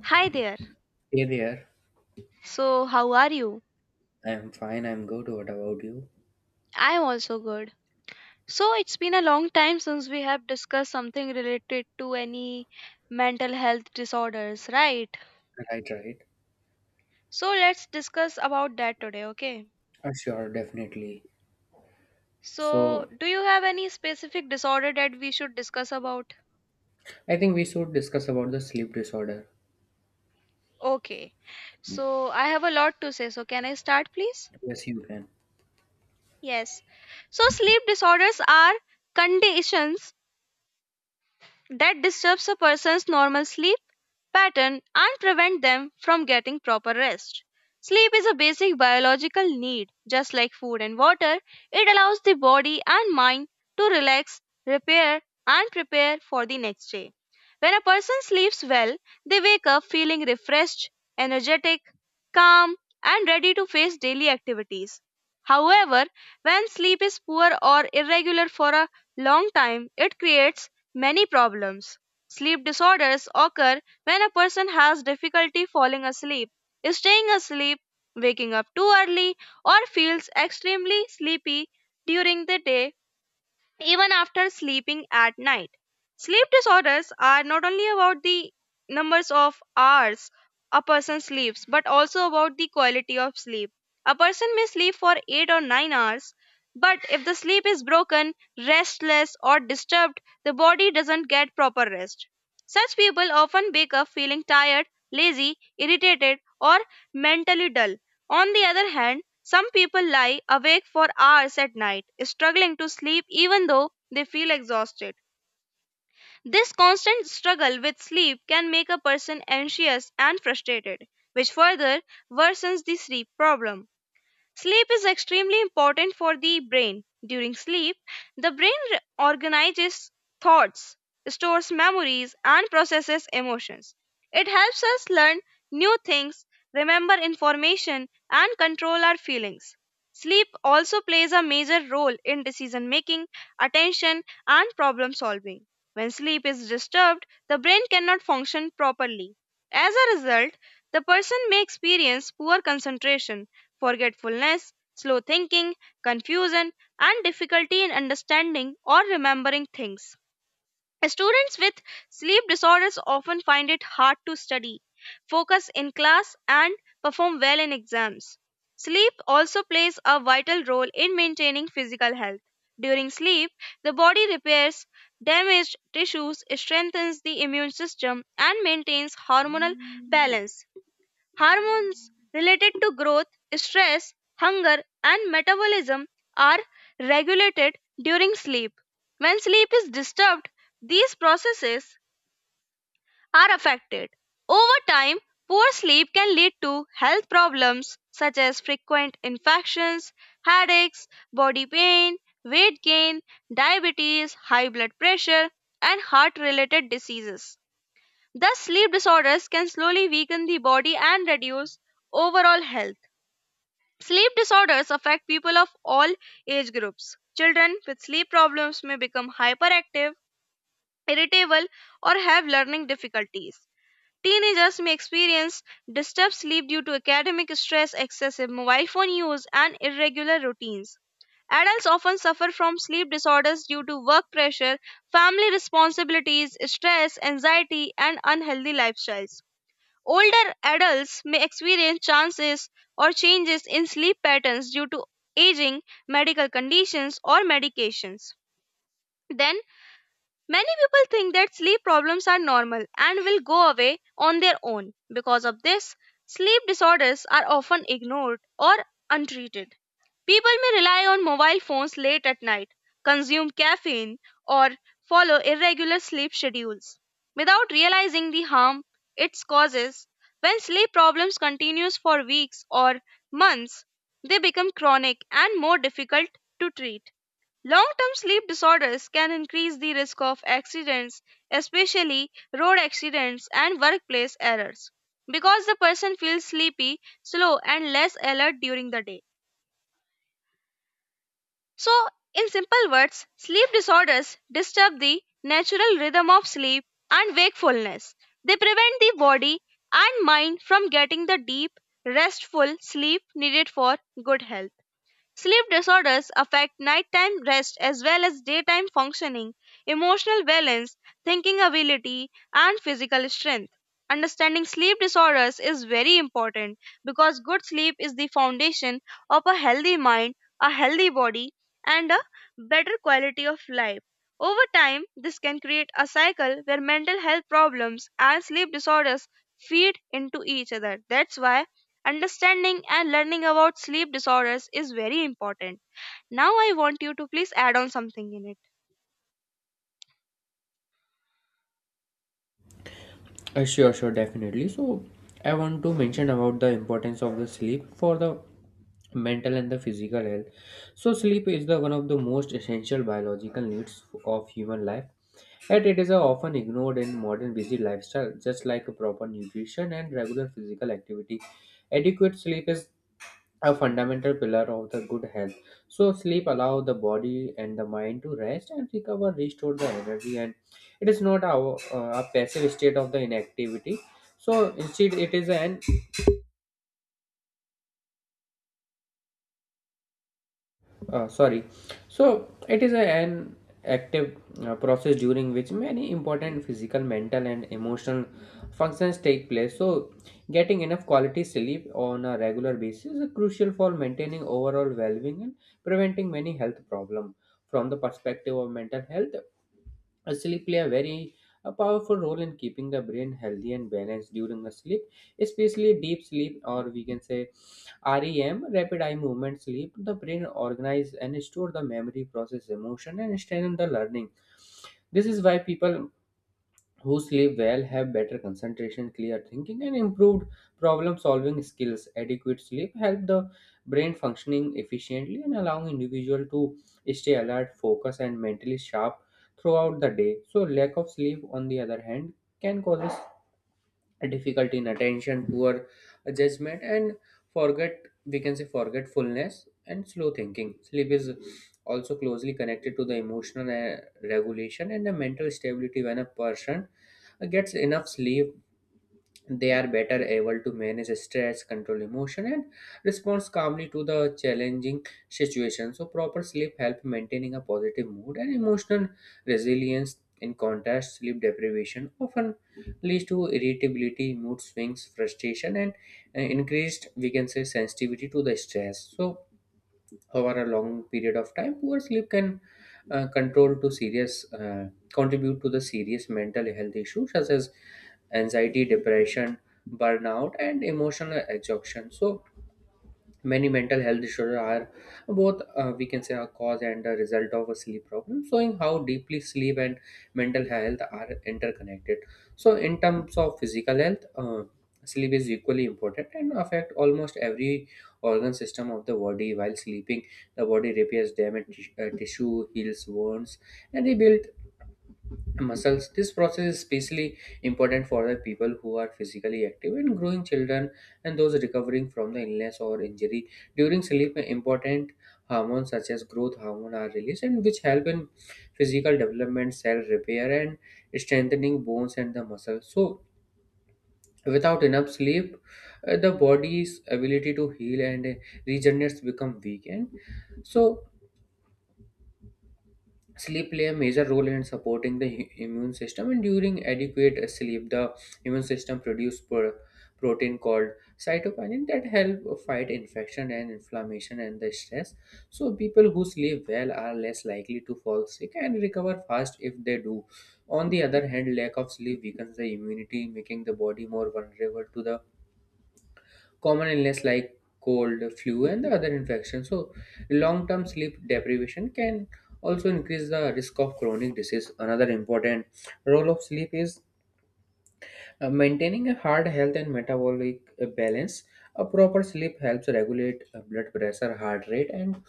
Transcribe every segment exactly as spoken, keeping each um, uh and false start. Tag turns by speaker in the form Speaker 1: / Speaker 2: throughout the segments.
Speaker 1: Hi there.
Speaker 2: Hey there.
Speaker 1: So, how are you?
Speaker 2: I'm fine. I'm good. What about you?
Speaker 1: I'm also good. So, it's been a long time since we have discussed something related to any mental health disorders, right?
Speaker 2: Right, right.
Speaker 1: So, let's discuss about that today, okay?
Speaker 2: Uh, sure, definitely.
Speaker 1: So,
Speaker 2: So,
Speaker 1: do you have any specific disorder that we should discuss about?
Speaker 2: I think we should discuss about the sleep disorder.
Speaker 1: Okay. So, I have a lot to say. So, can I start, please?
Speaker 2: Yes, you can.
Speaker 1: Yes. So, sleep disorders are conditions that disturbs a person's normal sleep pattern and prevent them from getting proper rest. Sleep is a basic biological need, just like food and water. It allows the body and mind to relax, repair, and prepare for the next day. When a person sleeps well, they wake up feeling refreshed, energetic, calm, and ready to face daily activities. However, when sleep is poor or irregular for a long time, it creates many problems. Sleep disorders occur when a person has difficulty falling asleep, staying asleep, waking up too early, or feels extremely sleepy during the day even after sleeping at night. Sleep disorders are not only about the numbers of hours a person sleeps, but also about the quality of sleep. A person may sleep for eight or nine hours, but if the sleep is broken, restless, or disturbed, the body doesn't get proper rest. Such people often wake up feeling tired, lazy, irritated, or mentally dull. On the other hand, some people lie awake for hours at night, struggling to sleep even though they feel exhausted. This constant struggle with sleep can make a person anxious and frustrated, which further worsens the sleep problem. Sleep is extremely important for the brain. During sleep, the brain re- organizes thoughts, stores memories, and processes emotions. It helps us learn new things, remember information, and control our feelings. Sleep also plays a major role in decision making, attention, and problem solving. When sleep is disturbed, the brain cannot function properly. As a result, the person may experience poor concentration, forgetfulness, slow thinking, confusion, and difficulty in understanding or remembering things. Students with sleep disorders often find it hard to study, focus in class, and perform well in exams. Sleep also plays a vital role in maintaining physical health. During sleep, the body repairs damaged tissues, strengthens the immune system, and maintains hormonal balance. Hormones related to growth, stress, hunger, and metabolism are regulated during sleep. When sleep is disturbed, these processes are affected. Over time, poor sleep can lead to health problems such as frequent infections, headaches, body pain, weight gain, diabetes, high blood pressure, and heart related diseases. Thus, sleep disorders can slowly weaken the body and reduce overall health. Sleep disorders affect people of all age groups. Children with sleep problems may become hyperactive, irritable, or have learning difficulties. Teenagers may experience disturbed sleep due to academic stress, excessive mobile phone use, and irregular routines. Adults often suffer from sleep disorders due to work pressure, family responsibilities, stress, anxiety, and unhealthy lifestyles. Older adults may experience chances or changes in sleep patterns due to aging, medical conditions, or medications. Then, many people think that sleep problems are normal and will go away on their own. Because of this, sleep disorders are often ignored or untreated. People may rely on mobile phones late at night, consume caffeine, or follow irregular sleep schedules without realizing the harm it causes. When sleep problems continues for weeks or months, they become chronic and more difficult to treat. Long-term sleep disorders can increase the risk of accidents, especially road accidents and workplace errors, because the person feels sleepy, slow, and less alert during the day. So, in simple words, sleep disorders disturb the natural rhythm of sleep and wakefulness. They prevent the body and mind from getting the deep, restful sleep needed for good health. Sleep disorders affect nighttime rest as well as daytime functioning, emotional balance, thinking ability, and physical strength. Understanding sleep disorders is very important because good sleep is the foundation of a healthy mind, a healthy body, and a better quality of life. Over time, this can create a cycle where mental health problems and sleep disorders feed into each other. That's why understanding and learning about sleep disorders is very important. Now, I want you to please add on something in it.
Speaker 2: Uh, sure, sure, definitely. So, I want to mention about the importance of the sleep for the mental and the physical health. So, sleep is the one of the most essential biological needs of human life, and it is uh, often ignored in modern busy lifestyle. Just like a proper nutrition and regular physical activity, adequate sleep is a fundamental pillar of the good health. So, sleep allows the body and the mind to rest and recover, restore the energy, and it is not a, a passive state of the inactivity, so instead it is an uh, sorry, so it is a, an active uh, process during which many important physical, mental, and emotional functions take place. So getting enough quality sleep on a regular basis is crucial for maintaining overall well-being and preventing many health problems. From the perspective of mental health, uh, sleep play a very a powerful role in keeping the brain healthy and balanced. During the sleep, especially deep sleep, or we can say REM, rapid eye movement sleep, the brain organize and store the memory, process emotion, and strengthen the learning. This is why people who sleep well have better concentration, clear thinking, and improved problem solving skills. Adequate sleep help the brain functioning efficiently and allowing individual to stay alert, focus, and mentally sharp throughout the day. So lack of sleep, on the other hand, can cause difficulty in attention, poor judgment, and forget we can say forgetfulness and slow thinking. Sleep is also closely connected to the emotional uh, regulation and the mental stability. When a person uh, gets enough sleep, they are better able to manage stress, control emotion, and respond calmly to the challenging situation. So proper sleep help maintaining a positive mood and emotional resilience. In contrast, sleep deprivation often leads to irritability, mood swings, frustration, and uh, increased, we can say, sensitivity to the stress. So over a long period of time, poor sleep can uh, control to serious uh, contribute to the serious mental health issues such as anxiety, depression, burnout, and emotional exhaustion. So many mental health issues are both, uh, we can say, a cause and a result of a sleep problem, showing how deeply sleep and mental health are interconnected. So, in terms of physical health, uh, sleep is equally important and affect almost every organ system of the body. While sleeping, the body repairs damaged tis- uh, tissue, heals wounds, and rebuild muscles. This process is especially important for the people who are physically active and growing children, and those recovering from the illness or injury. During sleep, important hormones such as growth hormone are released, and which help in physical development, cell repair, and strengthening bones and the muscles. So without enough sleep, uh, the body's ability to heal and uh, regenerate become weak. And so sleep play a major role in supporting the hu- immune system, and during adequate uh, sleep, the immune system produces pro- protein called cytokinin that help fight infection and inflammation and the stress. So, people who sleep well are less likely to fall sick and recover fast if they do. On the other hand, lack of sleep weakens the immunity, making the body more vulnerable to the common illness like cold, flu, and the other infections. So, long-term sleep deprivation can also increase the risk of chronic disease. Another important role of sleep is uh, maintaining a heart health and metabolic uh, balance. A proper sleep helps regulate uh, blood pressure, heart rate, and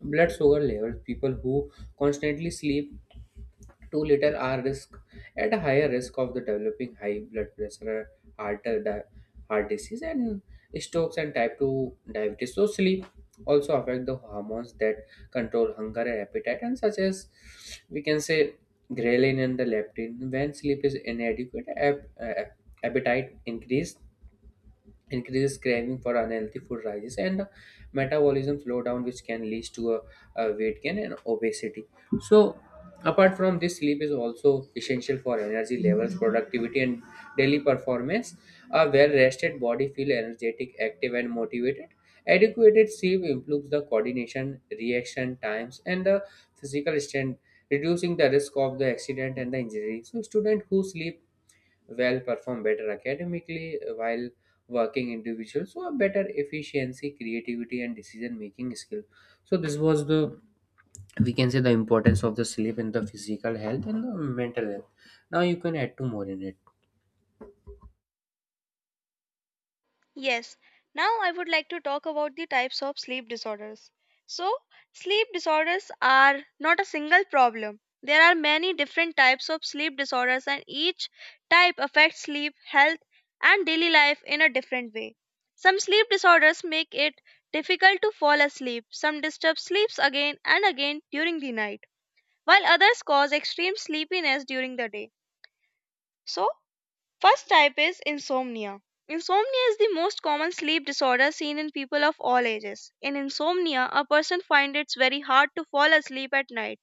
Speaker 2: blood sugar levels. People who constantly sleep too little are risk at a higher risk of the developing high blood pressure, heart, uh, di- heart disease, and strokes and type two diabetes. So sleep also affect the hormones that control hunger and appetite, and such as we can say ghrelin and the leptin. When sleep is inadequate, ap- uh, appetite increase increases, craving for unhealthy food rises, and metabolism slowdown, which can lead to a, a weight gain and obesity. So apart from this, sleep is also essential for energy levels, productivity, and daily performance. A well rested body feel energetic, active, and motivated. Adequate sleep improves the coordination, reaction times, and the physical strength, reducing the risk of the accident and the injury. So students who sleep well perform better academically, while working individuals so a better efficiency, creativity, and decision making skill. So this was the, we can say, the importance of the sleep in the physical health and the mental health. Now you can add two more in it.
Speaker 1: Yes, now I would like to talk about the types of sleep disorders. So, sleep disorders are not a single problem. There are many different types of sleep disorders, and each type affects sleep, health, and daily life in a different way. Some sleep disorders make it difficult to fall asleep, some disturb sleeps again and again during the night, while others cause extreme sleepiness during the day. So, first type is insomnia. Insomnia is the most common sleep disorder seen in people of all ages. In insomnia, a person finds it very hard to fall asleep at night.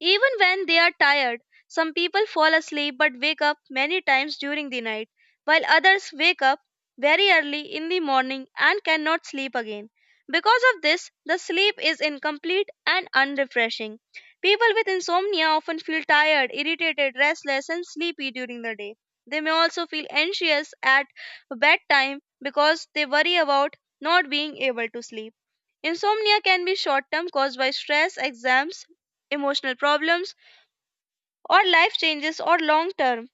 Speaker 1: Even when they are tired, some people fall asleep but wake up many times during the night, while others wake up very early in the morning and cannot sleep again. Because of this, the sleep is incomplete and unrefreshing. People with insomnia often feel tired, irritated, restless, and sleepy during the day. They may also feel anxious at bedtime because they worry about not being able to sleep. Insomnia can be short term caused by stress, exams, emotional problems, or life changes, or long term,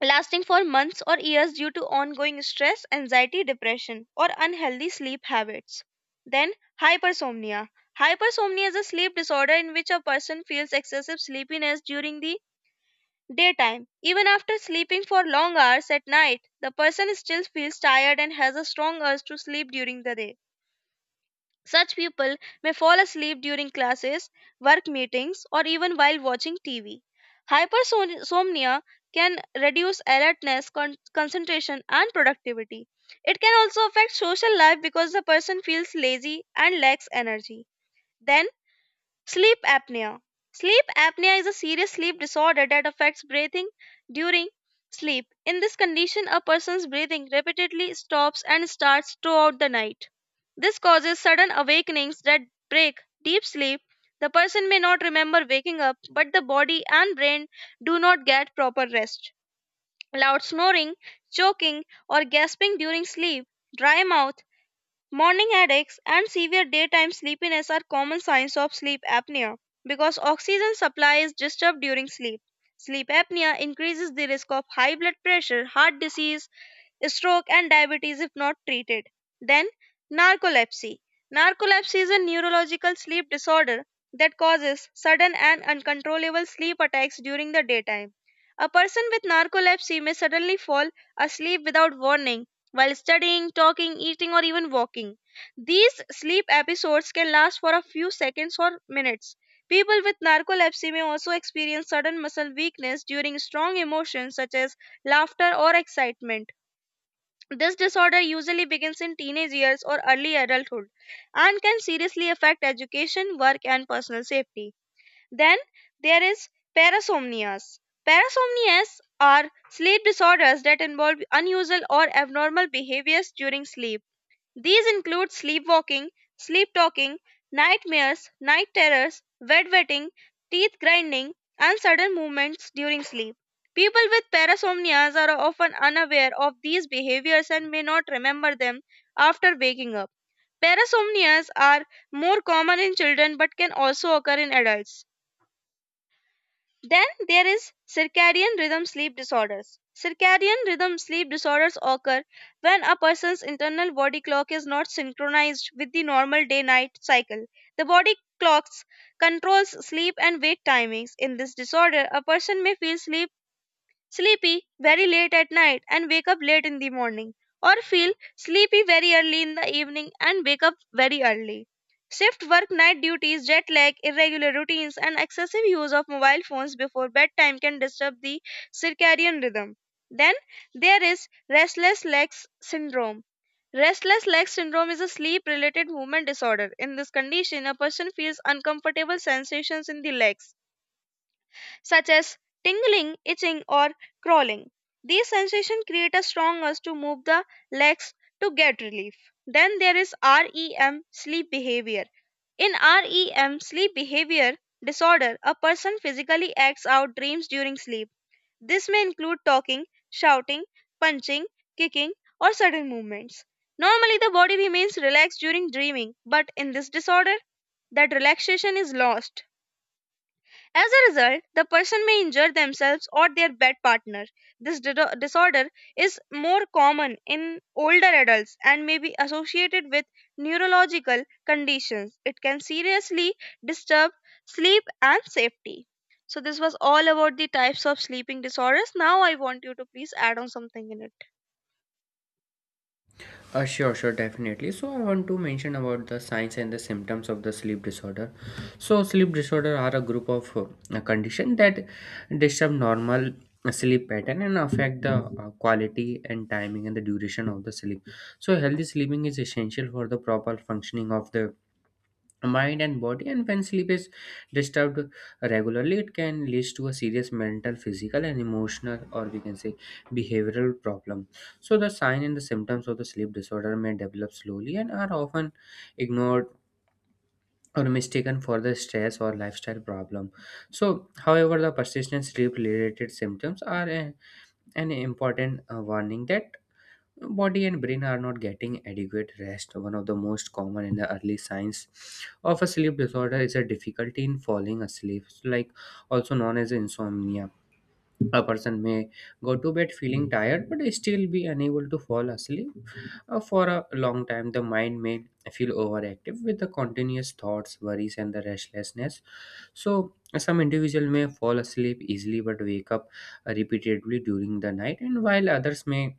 Speaker 1: lasting for months or years due to ongoing stress, anxiety, depression, or unhealthy sleep habits. Then, hypersomnia. Hypersomnia is a sleep disorder in which a person feels excessive sleepiness during the daytime. Even after sleeping for long hours at night, the person still feels tired and has a strong urge to sleep during the day. Such people may fall asleep during classes, work meetings, or even while watching T V. Hypersomnia can reduce alertness, con- concentration, and productivity. It can also affect social life because the person feels lazy and lacks energy. Then sleep apnea. Sleep apnea is a serious sleep disorder that affects breathing during sleep. In this condition, a person's breathing repeatedly stops and starts throughout the night. This causes sudden awakenings that break deep sleep. The person may not remember waking up, but the body and brain do not get proper rest. Loud snoring, choking, or gasping during sleep, dry mouth, morning headaches and severe daytime sleepiness are common signs of sleep apnea because oxygen supply is disturbed during sleep. Sleep apnea increases the risk of high blood pressure, heart disease, stroke and diabetes if not treated. Then narcolepsy. Narcolepsy is a neurological sleep disorder that causes sudden and uncontrollable sleep attacks during the daytime. A person with narcolepsy may suddenly fall asleep without warning while studying, talking, eating, or even walking. These sleep episodes can last for a few seconds or minutes. People with narcolepsy may also experience sudden muscle weakness during strong emotions such as laughter or excitement. This disorder usually begins in teenage years or early adulthood and can seriously affect education, work, and personal safety. Then there is parasomnias. Parasomnias are sleep disorders that involve unusual or abnormal behaviors during sleep. These include sleepwalking, sleep talking, nightmares, night terrors, bedwetting, teeth grinding, and sudden movements during sleep. People with parasomnias are often unaware of these behaviors and may not remember them after waking up. Parasomnias are more common in children but can also occur in adults. Then there is circadian rhythm sleep disorders. Circadian rhythm sleep disorders occur when a person's internal body clock is not synchronized with the normal day night cycle. The body clock controls sleep and wake timings. In this disorder, a person may feel sleep sleepy very late at night and wake up late in the morning, or feel sleepy very early in the evening and wake up very early. Shift work night duties, jet lag, irregular routines, and excessive use of mobile phones before bedtime can disturb the circadian rhythm. Then there is restless legs syndrome. Restless leg syndrome is a sleep related movement disorder. In this condition, a person feels uncomfortable sensations in the legs such as tingling, itching, or crawling. These sensations create a strong urge to move the legs to get relief. Then there is REM sleep behavior. In REM sleep behavior disorder, a person physically acts out dreams during sleep. This may include talking, shouting, punching, kicking, or sudden movements. Normally, the body remains relaxed during dreaming, but in this disorder, that relaxation is lost. As a result, the person may injure themselves or their bed partner. This dido- disorder is more common in older adults and may be associated with neurological conditions. It can seriously disturb sleep and safety. So, this was all about the types of sleeping disorders. Now, I want you to please add on something in it.
Speaker 2: Uh, sure, sure, definitely. So, I want to mention about the signs and the symptoms of the sleep disorder. So, sleep disorder are a group of uh, condition that disturb normal sleep pattern and affect the uh, quality and timing and the duration of the sleep. So, healthy sleeping is essential for the proper functioning of the mind and body, and when sleep is disturbed regularly, it can lead to a serious mental, physical, and emotional, or we can say behavioral problem. So the sign and the symptoms of the sleep disorder may develop slowly and are often ignored or mistaken for the stress or lifestyle problem. So, however, the persistent sleep related symptoms are a- an important uh, warning that body and brain are not getting adequate rest. One of the most common in the early signs of a sleep disorder is a difficulty in falling asleep, like also known as insomnia. A person may go to bed feeling tired but still be unable to fall asleep. Uh, for a long time, the mind may feel overactive with the continuous thoughts, worries, and the restlessness. So, some individual may fall asleep easily but wake up uh, repeatedly during the night, and while others may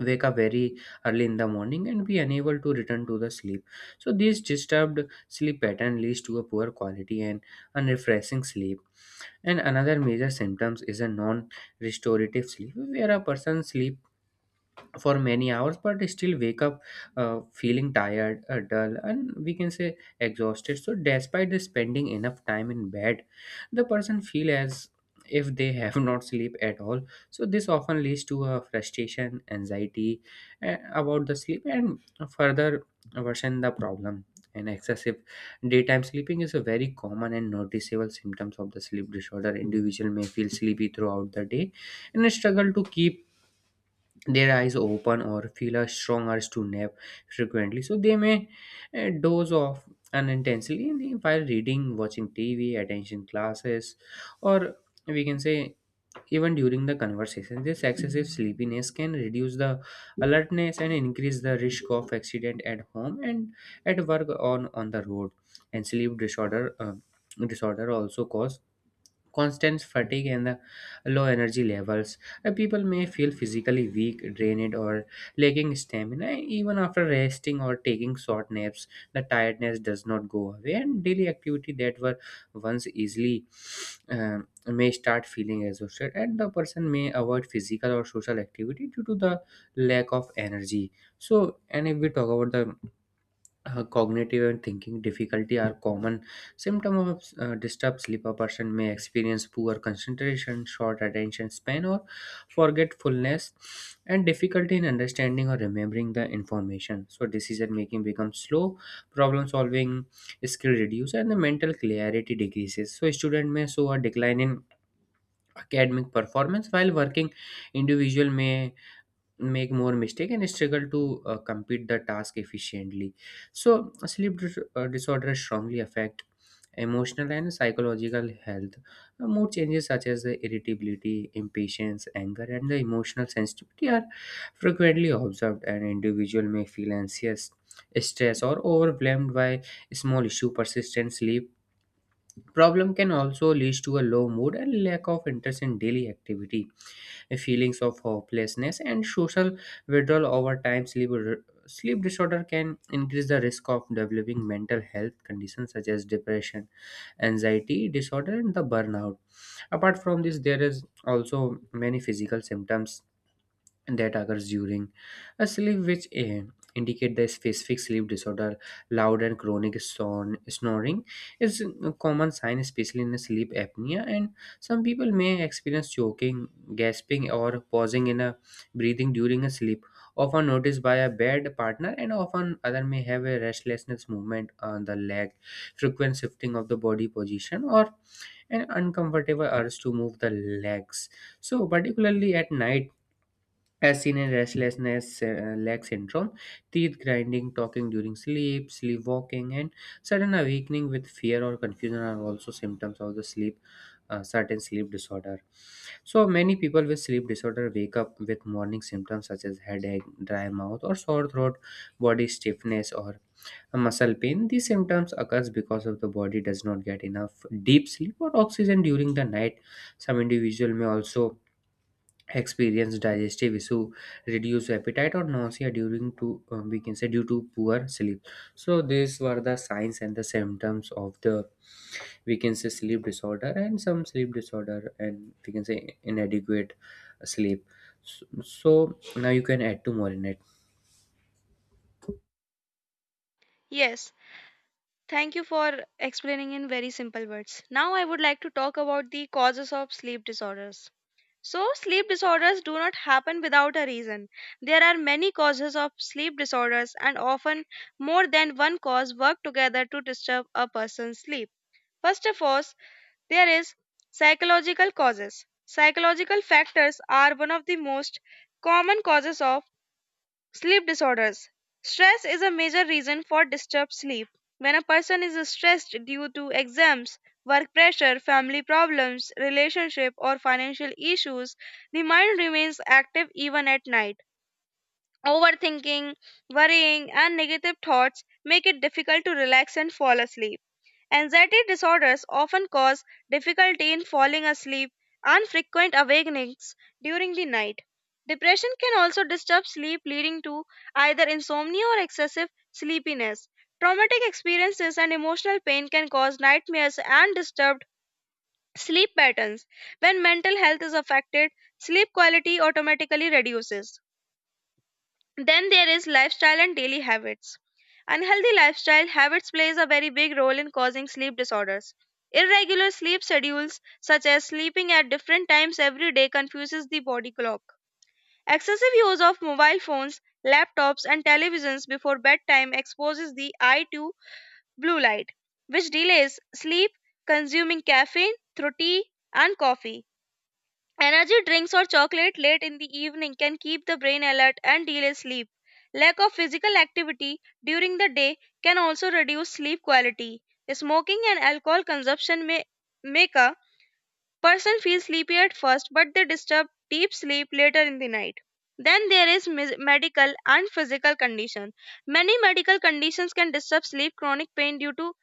Speaker 2: wake up very early in the morning and be unable to return to the sleep. So this disturbed sleep pattern leads to a poor quality and unrefreshing sleep. And another major symptoms is a non restorative sleep, where a person sleep for many hours but still wake up uh, feeling tired, uh, dull, and we can say exhausted. So despite the spending enough time in bed, the person feel as if they have not sleep at all. So this often leads to a frustration, anxiety, uh, about the sleep, and further worsen the problem. And excessive daytime sleeping is a very common and noticeable symptoms of the sleep disorder. Individual may feel sleepy throughout the day and struggle to keep their eyes open or feel a strong urge to nap frequently. So they may uh, doze off unintentionally while reading, watching T V, attending classes, or we can say even during the conversation. This excessive sleepiness can reduce the alertness and increase the risk of accident at home and at work, on on the road. And sleep disorder uh, disorder also cause constant fatigue and the low energy levels. Uh, people may feel physically weak, drained, or lacking stamina. Even after resting or taking short naps, the tiredness does not go away, and daily activity that were once easily um, may start feeling exhausted, and the person may avoid physical or social activity due to the lack of energy. So, and if we talk about the uh, cognitive and thinking difficulty are common symptom of uh, disturbed sleep, a person may experience poor concentration, short attention span, or forgetfulness, and difficulty in understanding or remembering the information. So decision making becomes slow, problem solving skill reduce, and the mental clarity decreases. So student may show a decline in academic performance, while working individual may make more mistake and struggle to uh, complete the task efficiently. So sleep dis- uh, disorder strongly affect emotional and psychological health. Uh, mood changes such as the irritability, impatience, anger, and the emotional sensitivity are frequently observed, and individual may feel anxious, stressed, or overwhelmed by small issue. Persistent sleep problem can also lead to a low mood and lack of interest in daily activity, feelings of hopelessness, and social withdrawal. Over time, sleep sleep disorder can increase the risk of developing mental health conditions such as depression, anxiety disorder, and the burnout. Apart from this, there is also many physical symptoms that occurs during a sleep, which eh, indicate the specific sleep disorder. Loud and chronic son- snoring is a common sign, especially in sleep apnea. And some people may experience choking, gasping, or pausing in a breathing during a sleep, often noticed by a bed partner. And often other may have a restlessness movement on the leg, frequent shifting of the body position, or an uncomfortable urge to move the legs, so particularly at night, as seen in restlessness uh, leg syndrome. Teeth grinding, talking during sleep, sleepwalking, and sudden awakening with fear or confusion are also symptoms of the sleep, uh, certain sleep disorder. So many people with sleep disorder wake up with morning symptoms such as headache, dry mouth, or sore throat, body stiffness, or a muscle pain. These symptoms occurs because of the body does not get enough deep sleep or oxygen during the night. Some individual may also experience digestive issue, reduce appetite or nausea during to um, we can say due to poor sleep. So these were the signs and the symptoms of the, we can say, sleep disorder and some sleep disorder and, we can say, inadequate sleep. So, so now you can add to more in it.
Speaker 1: Yes, thank you for explaining in very simple words. Now, I would like to talk about the causes of sleep disorders. So, sleep disorders do not happen without a reason. There are many causes of sleep disorders, and often more than one cause work together to disturb a person's sleep. First of all, there is psychological causes. Psychological factors are one of the most common causes of sleep disorders. Stress is a major reason for disturbed sleep. When a person is stressed due to exams, work pressure, family problems, relationship, or financial issues, the mind remains active even at night. Overthinking, worrying, and negative thoughts make it difficult to relax and fall asleep. Anxiety disorders often cause difficulty in falling asleep and frequent awakenings during the night. Depression can also disturb sleep, leading to either insomnia or excessive sleepiness. Traumatic experiences and emotional pain can cause nightmares and disturbed sleep patterns. When mental health is affected, sleep quality automatically reduces. Then there is lifestyle and daily habits. Unhealthy lifestyle habits plays a very big role in causing sleep disorders. Irregular sleep schedules such as sleeping at different times every day confuses the body clock. Excessive use of mobile phones, laptops and televisions before bedtime exposes the eye to blue light which delays sleep, consuming caffeine through tea and coffee energy drinks or chocolate late in the evening can keep the brain alert and delay sleep. Lack of physical activity during the day can also reduce sleep quality. Smoking and alcohol consumption may make a person feel sleepy at first, but they disturb deep sleep later in the night. Then there is mis- medical and physical condition. Many medical conditions can disturb sleep. Chronic pain due to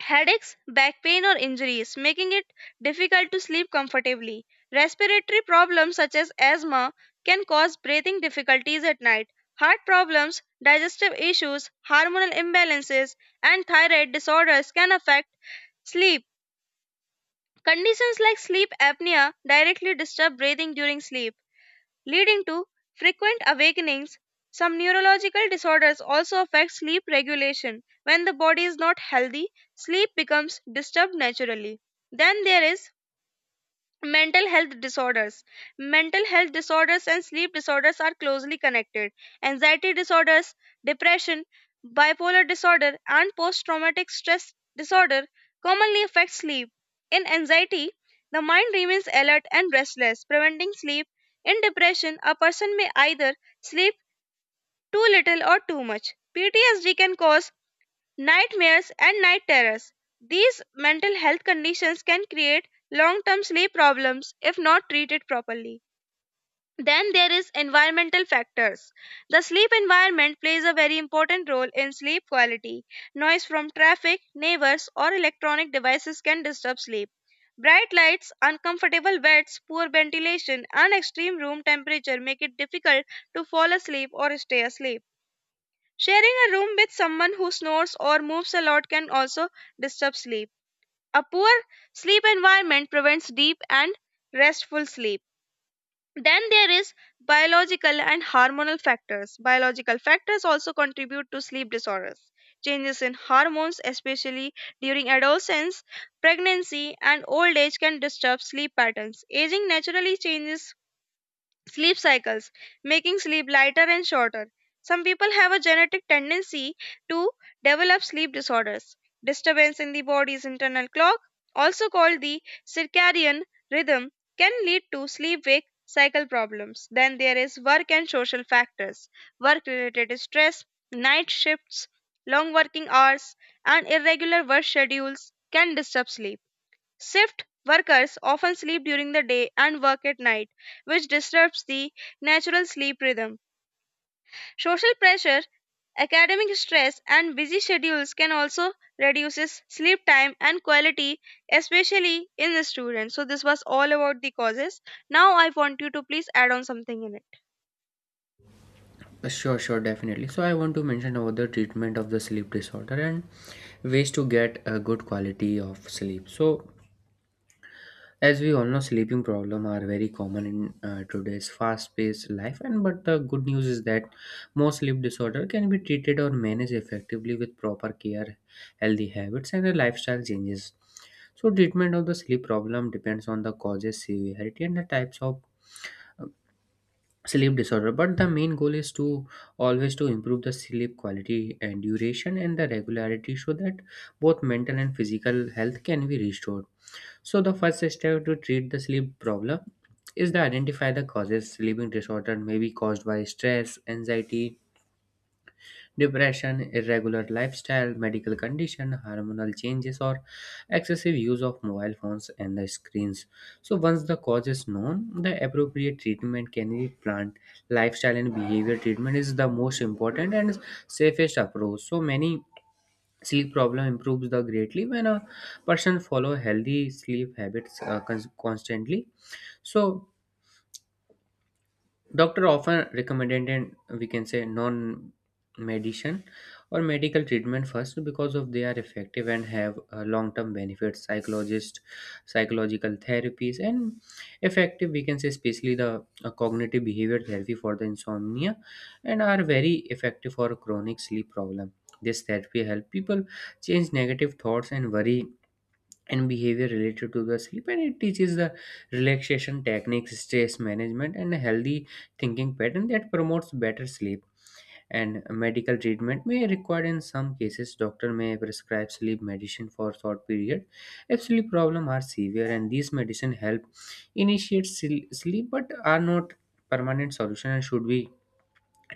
Speaker 1: headaches, back pain, or injuries, making it difficult to sleep comfortably. Respiratory problems such as asthma can cause breathing difficulties at night. Heart problems, digestive issues, hormonal imbalances, and thyroid disorders can affect sleep. Conditions like sleep apnea directly disturb breathing during sleep leading to frequent awakenings. Some neurological disorders also affect sleep regulation. When the body is not healthy, sleep becomes disturbed naturally. Then there is mental health disorders. Mental health disorders and sleep disorders are closely connected. Anxiety disorders, depression, bipolar disorder, and post traumatic stress disorder commonly affect sleep. In anxiety, the mind remains alert and restless, preventing sleep. In depression, a person may either sleep too little or too much. P T S D can cause nightmares and night terrors. These mental health conditions can create long-term sleep problems if not treated properly. Then there is environmental factors. The sleep environment plays a very important role in sleep quality. Noise from traffic, neighbors, or electronic devices can disturb sleep. Bright lights, uncomfortable beds, poor ventilation, and extreme room temperature make it difficult to fall asleep or stay asleep. Sharing a room with someone who snores or moves a lot can also disturb sleep. A poor sleep environment prevents deep and restful sleep. Then there is biological and hormonal factors. Biological factors also contribute to sleep disorders. Changes in hormones, especially during adolescence, pregnancy, and old age, can disturb sleep patterns. Aging naturally changes sleep cycles, making sleep lighter and shorter. Some people have a genetic tendency to develop sleep disorders. Disturbance in the body's internal clock, also called the circadian rhythm, can lead to sleep wake cycle problems. Then there is work and social factors. Work related stress, night shifts, long working hours, and irregular work schedules can disturb sleep. Shift workers often sleep during the day and work at night, which disrupts the natural sleep rhythm. Social pressure, academic stress, and busy schedules can also reduces sleep time and quality, especially in the students. So this was all about the causes. Now I want you to please add on something in it.
Speaker 2: Uh, sure sure definitely, so I want to mention about the treatment of the sleep disorder and ways to get a good quality of sleep. So as we all know, sleeping problems are very common in uh, today's fast-paced life. And but the good news is that most sleep disorder can be treated or managed effectively with proper care, healthy habits, and a lifestyle changes. So treatment of the sleep problem depends on the causes, severity, and the types of uh, sleep disorder. But the main goal is to always to improve the sleep quality and duration and the regularity, so that both mental and physical health can be restored. So the first step to treat the sleep problem is to identify the causes. Sleeping disorder may be caused by stress, anxiety, depression, irregular lifestyle, medical condition, hormonal changes, or excessive use of mobile phones and the screens. So once the cause is known, the appropriate treatment can be planned. Lifestyle and behavior treatment is the most important and safest approach. So many sleep problem improves the greatly when a person follow healthy sleep habits uh, cons- constantly. So doctor often recommended, and we can say non medicine or medical treatment first because of they are effective and have uh, long-term benefits. Psychologist Psychological therapies and effective, we can say, especially the uh, cognitive behavior therapy for the insomnia, and are very effective for chronic sleep problem. This therapy help people change negative thoughts and worry and behavior related to the sleep, and it teaches the relaxation techniques, stress management, and a healthy thinking pattern that promotes better sleep. And medical treatment may require in some cases. Doctor may prescribe sleep medicine for short period if sleep problem are severe, and these medicine help initiate sil- sleep but are not permanent solution and should be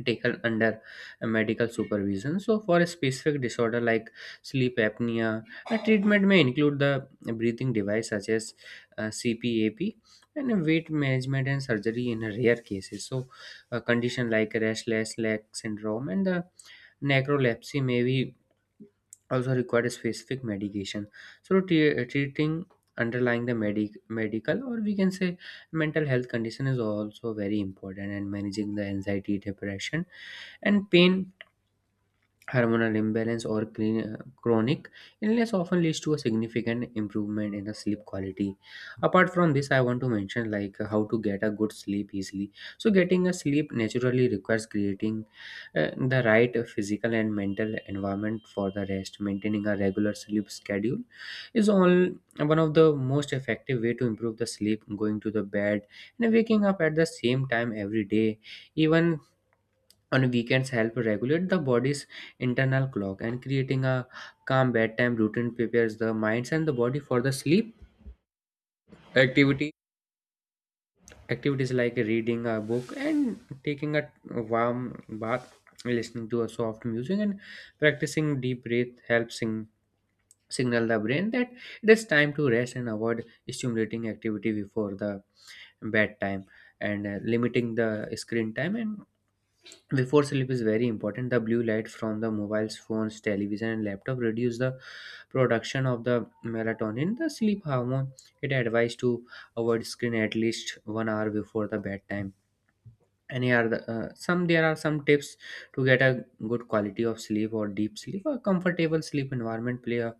Speaker 2: taken under a medical supervision. So for a specific disorder like sleep apnea, a treatment may include the breathing device such as uh, C PAP and a weight management and surgery in rare cases. So a condition like restless leg syndrome and the necrolepsy may be also required a specific medication. So tre- uh, treating underlying the medic medical, or we can say mental health condition, is also very important, and managing the anxiety, depression, and pain. Hormonal imbalance or cre- chronic illness often leads to a significant improvement in the sleep quality. Apart from this, I want to mention like how to get a good sleep easily. So, getting a sleep naturally requires creating uh, the right physical and mental environment for the rest. Maintaining a regular sleep schedule is all one of the most effective way to improve the sleep. Going to the bed and waking up at the same time every day, even on weekends, help regulate the body's internal clock. And creating a calm bedtime routine prepares the minds and the body for the sleep. Activity Activities like reading a book and taking a warm bath, listening to a soft music, and practicing deep breath helps sing- signal the brain that it is time to rest, and avoid stimulating activity before the bedtime. And uh, limiting the screen time and before sleep is very important. The blue light from the mobiles, phones, television, and laptop reduce the production of the melatonin, the sleep hormone. It advised to avoid screen at least one hour before the bedtime. And here are the, uh, some there are some tips to get a good quality of sleep or deep sleep. A comfortable sleep environment play a,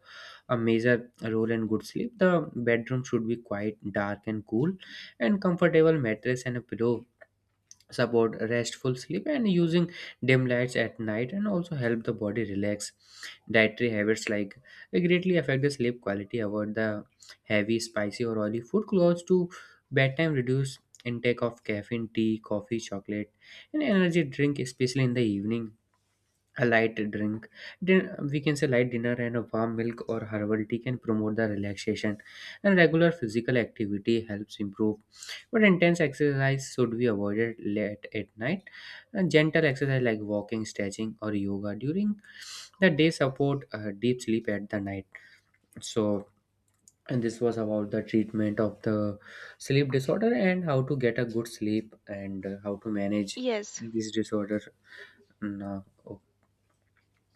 Speaker 2: a major role in good sleep. The bedroom should be quite dark and cool, and comfortable mattress and a pillow support restful sleep. And using dim lights at night and also help the body relax. Dietary habits like greatly affect the sleep quality. Avoid the heavy, spicy, or oily food close to bedtime. Reduce intake of caffeine, tea, coffee, chocolate, and energy drink, especially in the evening. A light drink, din- we can say light dinner, and a warm milk or herbal tea can promote the relaxation. And regular physical activity helps improve, but intense exercise should be avoided late at night. And gentle exercise like walking, stretching, or yoga during the day support uh, deep sleep at the night. So, and this was about the treatment of the sleep disorder and how to get a good sleep, and uh, how to manage
Speaker 1: Yes.
Speaker 2: this disorder now. Oh,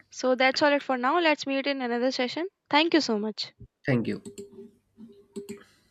Speaker 1: So that's all it for now. Let's meet in another session. Thank you so much.
Speaker 2: thank you.